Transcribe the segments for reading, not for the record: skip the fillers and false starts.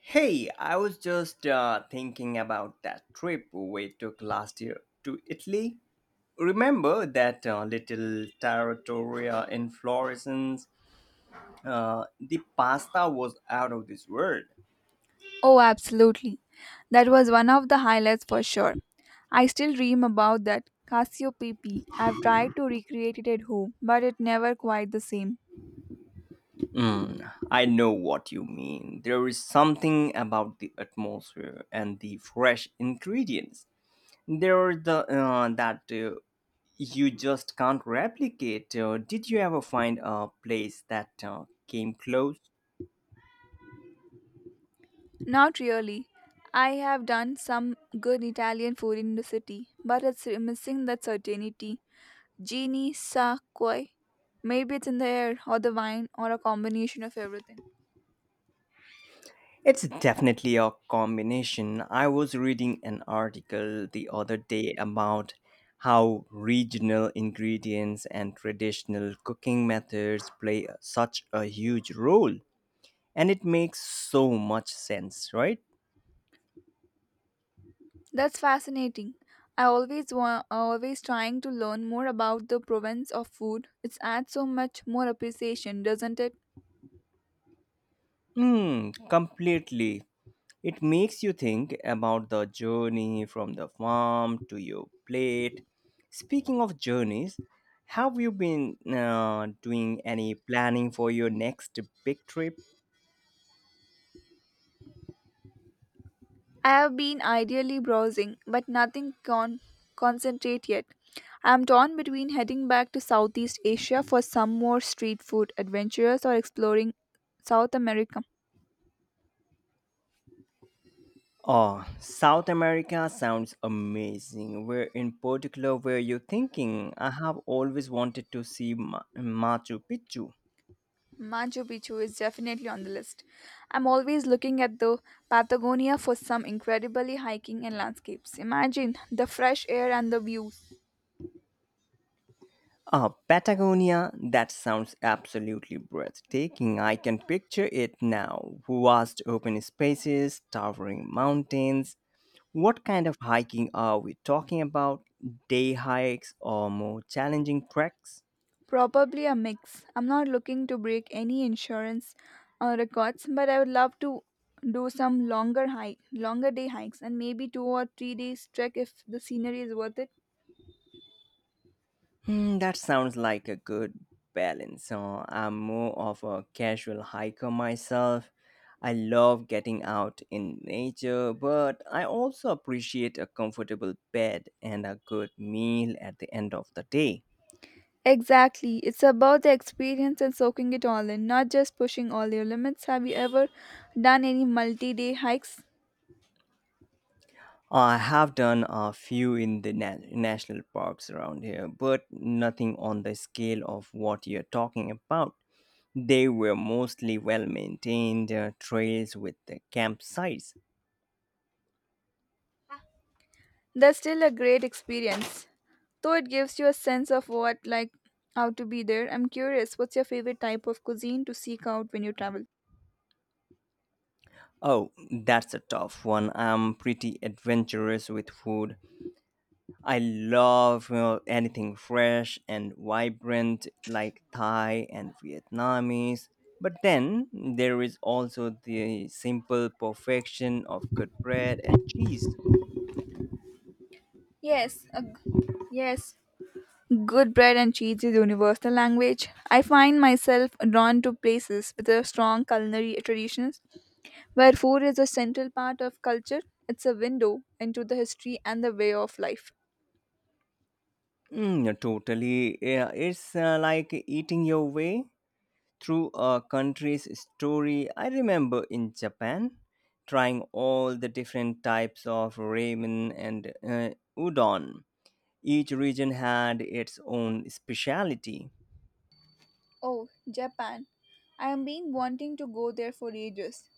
Hey, I was just thinking about that trip we took last year to Italy. Remember that little trattoria in Florence? The pasta was out of this world. Oh, absolutely. That was one of the highlights for sure. I still dream about that Cassiopeia. I've tried to recreate it at home, but it never quite the same. Mm, I know what you mean. There is something about the atmosphere and the fresh ingredients. There are the that you just can't replicate. Did you ever find a place that came close? Not really. I have done some good Italian food in the city, but it's missing that certainty. Genie sa koi. Maybe it's in the air, or the wine, or a combination of everything. It's definitely a combination. I was reading an article the other day about how regional ingredients and traditional cooking methods play such a huge role. And it makes so much sense, right? That's fascinating. I always trying to learn more about the province of food. It's adds so much more appreciation, doesn't it? Mm, completely. It makes you think about the journey from the farm to your plate. Speaking of journeys, have you been doing any planning for your next big trip? I have been ideally browsing, but nothing concentrate yet. I'm torn between heading back to Southeast Asia for some more street food adventures or exploring South America. Oh, South America sounds amazing. Where in particular were you thinking? I have always wanted to see Machu Picchu. Machu Picchu is definitely on the list. I'm always looking at the Patagonia for some incredibly hiking and landscapes. Imagine the fresh air and the views. Ah, Patagonia, that sounds absolutely breathtaking. I can picture it now. Vast open spaces, towering mountains. What kind of hiking are we talking about? Day hikes or more challenging treks? Probably a mix. I'm not looking to break any insurance records, but I would love to do some longer day hikes, and maybe 2 or 3 days trek if the scenery is worth it. Hmm, that sounds like a good balance. So I'm more of a casual hiker myself. I love getting out in nature, but I also appreciate a comfortable bed and a good meal at the end of the day. Exactly. It's about the experience and soaking it all in, not just pushing all your limits. Have you ever done any multi day hikes? I have done a few in the national parks around here, but nothing on the scale of what you're talking about. They were mostly well maintained trails with the campsites. That's still a great experience. Though it gives you a sense of what, like, how to be there. I'm curious, what's your favorite type of cuisine to seek out when you travel? Oh, that's a tough one. I'm pretty adventurous with food. I love anything fresh and vibrant like Thai and Vietnamese. But then there is also the simple perfection of good bread and cheese. Yes, a g- yes. Good bread and cheese is universal language. I find myself drawn to places with a strong culinary traditions where food is a central part of culture. It's a window into the history and the way of life. Mm, yeah, totally. Yeah, it's like eating your way through a country's story. I remember in Japan trying all the different types of ramen and udon. Each region had its own speciality. Oh, Japan. I have been wanting to go there for ages.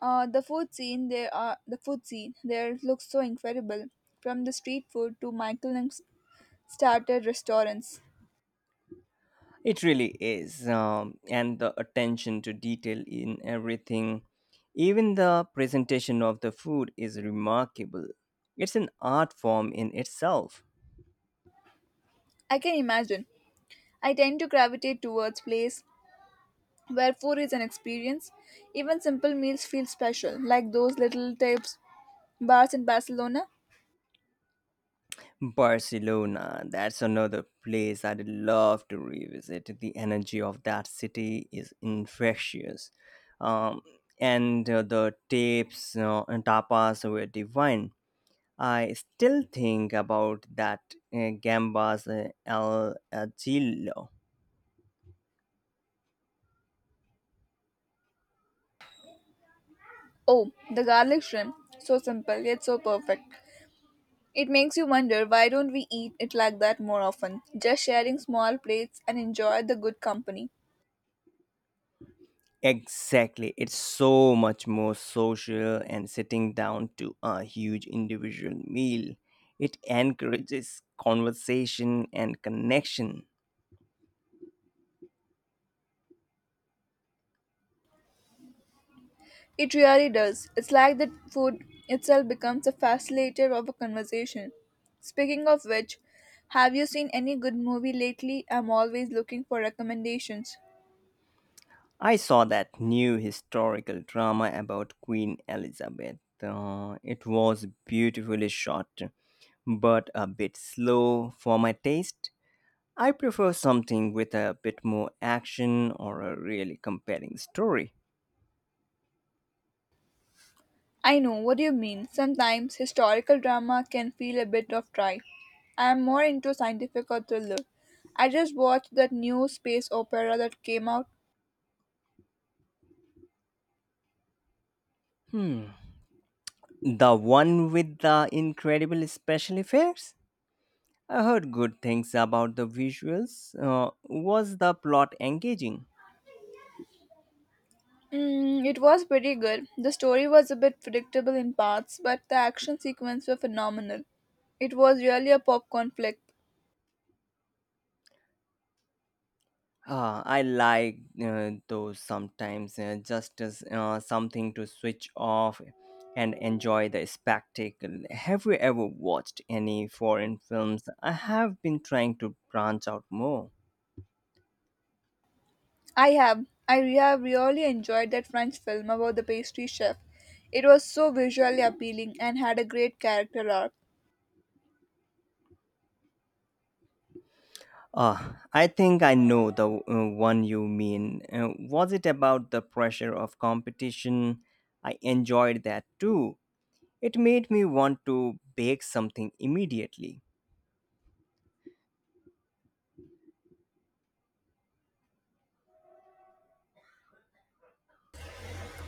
The food scene there are the food scene there looks so incredible, from the street food to Michael and starter restaurants. It really is. And the attention to detail in everything, even the presentation of the food, is remarkable. It's an art form in itself. I can imagine. I tend to gravitate towards places where food is an experience. Even simple meals feel special, like those little tapes bars in Barcelona. Barcelona, that's another place I'd love to revisit. The energy of that city is infectious. Um, and the tapes and tapas were divine. I still think about that Gambas El Agillo. Oh, the garlic shrimp. So simple, yet so perfect. It makes you wonder why don't we eat it like that more often? Just sharing small plates and enjoy the good company. Exactly. It's so much more social and sitting down to a huge individual meal. It encourages conversation and connection. It really does. It's like the food itself becomes a facilitator of a conversation. Speaking of which, have you seen any good movie lately? I'm always looking for recommendations. I saw that new historical drama about Queen Elizabeth. It was beautifully shot, but a bit slow for my taste. I prefer something with a bit more action or a really compelling story. I know what you mean. Sometimes historical drama can feel a bit of dry. I am more into scientific or thriller. I just watched that new space opera that came out. The one with the incredible special effects? I heard good things about the visuals. Was the plot engaging? Mm, it was pretty good. The story was a bit predictable in parts, but the action sequences were phenomenal. It was really a popcorn flick. I like those sometimes, just as something to switch off and enjoy the spectacle. Have you ever watched any foreign films? I have been trying to branch out more. I have. Have really enjoyed that French film about the pastry chef. It was so visually appealing and had a great character arc. I think I know the one you mean. Was it about the pressure of competition? I enjoyed that too. It made me want to bake something immediately.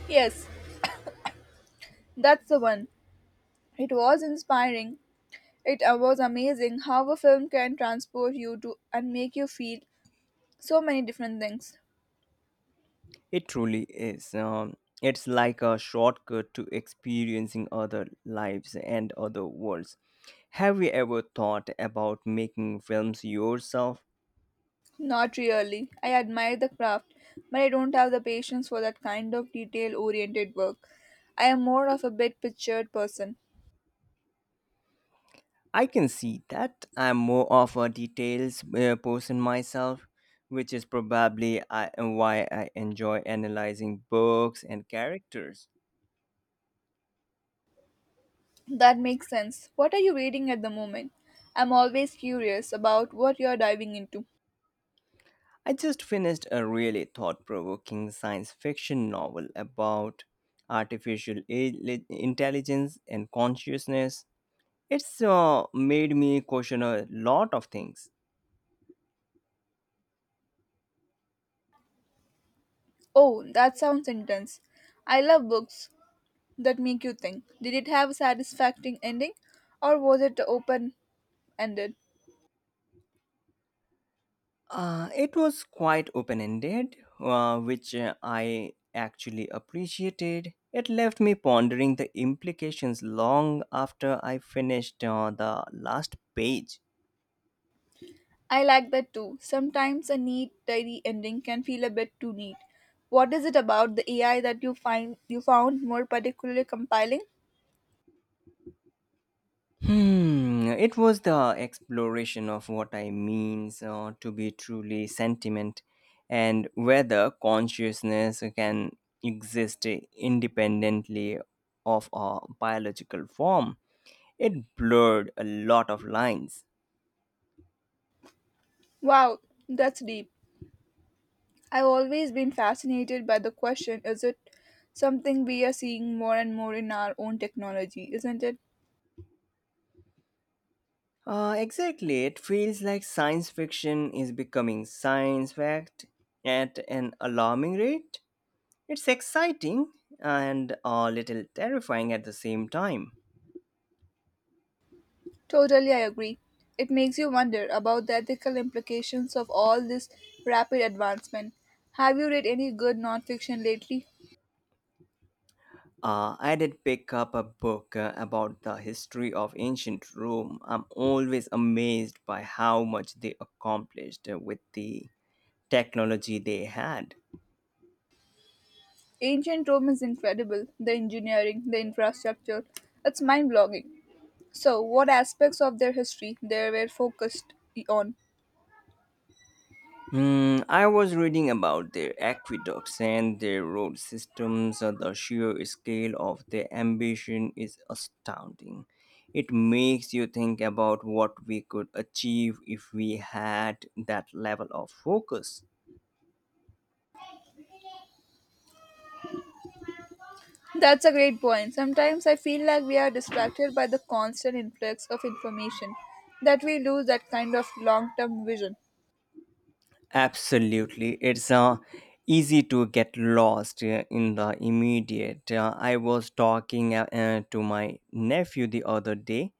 Yes, that's the one. It was inspiring. It was amazing how a film can transport you to and make you feel so many different things. It truly is. It's like a shortcut to experiencing other lives and other worlds. Have you ever thought about making films yourself? Not really. I admire the craft, but I don't have the patience for that kind of detail oriented work. I am more of a bit pictured person. I can see that. I'm more of a details person myself, which is probably why I enjoy analyzing books and characters. That makes sense. What are you reading at the moment? I'm always curious about what you're diving into. I just finished a really thought provoking science fiction novel about artificial intelligence and consciousness. It's made me question a lot of things. Oh, that sounds intense. I love books that make you think. Did it have a satisfying ending or was it open ended? It was quite open ended, which I actually appreciated. It left me pondering the implications long after I finished the last page. I like that too. Sometimes a neat, tidy ending can feel a bit too neat. What is it about the AI that you find you found more particularly compelling? Hmm, it was the exploration of what I means to be truly sentiment and whether consciousness can exist independently of a biological form. It blurred a lot of lines. Wow, that's deep. I've always been fascinated by the question is it something we are seeing more and more in our own technology, isn't it? Exactly. It feels like science fiction is becoming science fact at an alarming rate. It's exciting and a little terrifying at the same time. Totally, I agree. It makes you wonder about the ethical implications of all this rapid advancement. Have you read any good nonfiction lately? I did pick up a book about the history of ancient Rome. I'm always amazed by how much they accomplished with the technology they had. Ancient Rome is incredible the engineering, the infrastructure. It's mind blowing. So, what aspects of their history they were focused on? Hmm, I was reading about their aqueducts and their road systems. The sheer scale of their ambition is astounding. It makes you think about what we could achieve if we had that level of focus. That's a great point. Sometimes I feel like we are distracted by the constant influx of information that we lose that kind of long term vision. Absolutely. It's easy to get lost in the immediate. I was talking to my nephew the other day,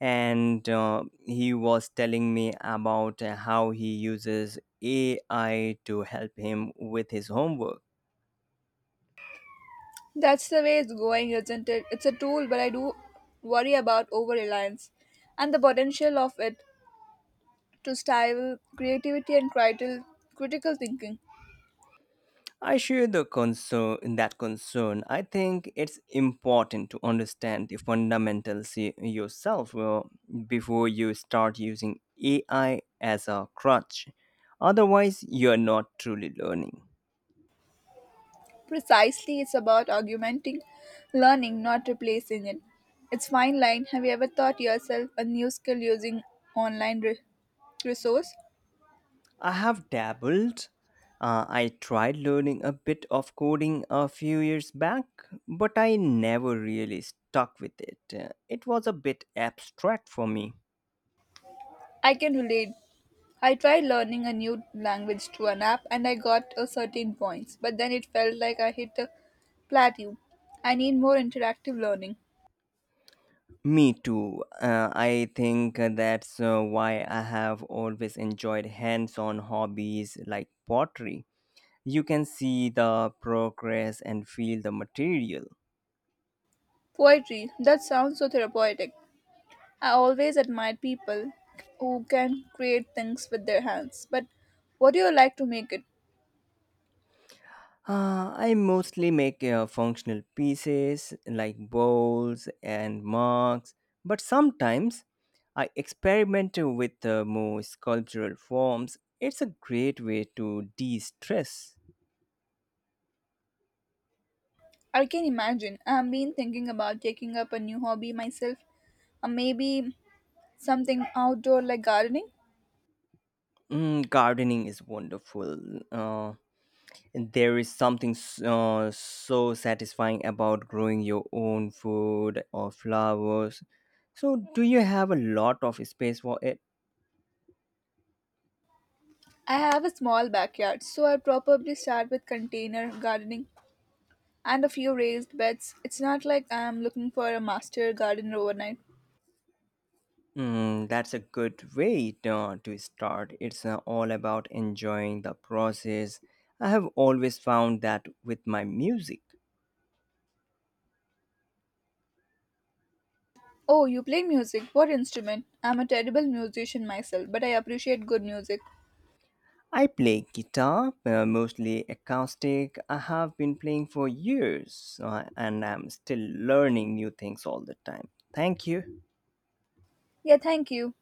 and he was telling me about how he uses AI to help him with his homework. That's the way it's going, isn't it? It's a tool, but I do worry about over reliance and the potential of it to stifle creativity and critical thinking. I share the concern that concern. I think it's important to understand the fundamentals yourself before you start using AI as a crutch. Otherwise, you're not truly learning. Precisely, it's about augmenting learning, not replacing it. It's fine line. Have you ever taught yourself a new skill using online re- resource? I have dabbled. I tried learning a bit of coding a few years back, but I never really stuck with it. It was a bit abstract for me. I can relate. I tried learning a new language through an app and I got a certain points, but then it felt like I hit a plateau. I need more interactive learning. Me too. I think that's why I have always enjoyed hands on hobbies like pottery. You can see the progress and feel the material. Poetry, that sounds so therapeutic. I always admire people who can create things with their hands, but what do you like to make it? I mostly make functional pieces like bowls and mugs, but sometimes I experiment with more sculptural forms. It's a great way to de stress. I can imagine. I've been thinking about taking up a new hobby myself, or maybe something outdoor like gardening. Mm, gardening is wonderful. There is something so satisfying about growing your own food or flowers. So, do you have a lot of space for it? I have a small backyard, so I'll probably start with container gardening and a few raised beds. It's not like I'm looking for a master gardener overnight. Mm, that's a good way to start. It's all about enjoying the process. I have always found that with my music. Oh, you play music? What instrument? I'm a terrible musician myself, but I appreciate good music. I play guitar, mostly acoustic. I have been playing for years and I'm still learning new things all the time. Thank you. Yeah, thank you.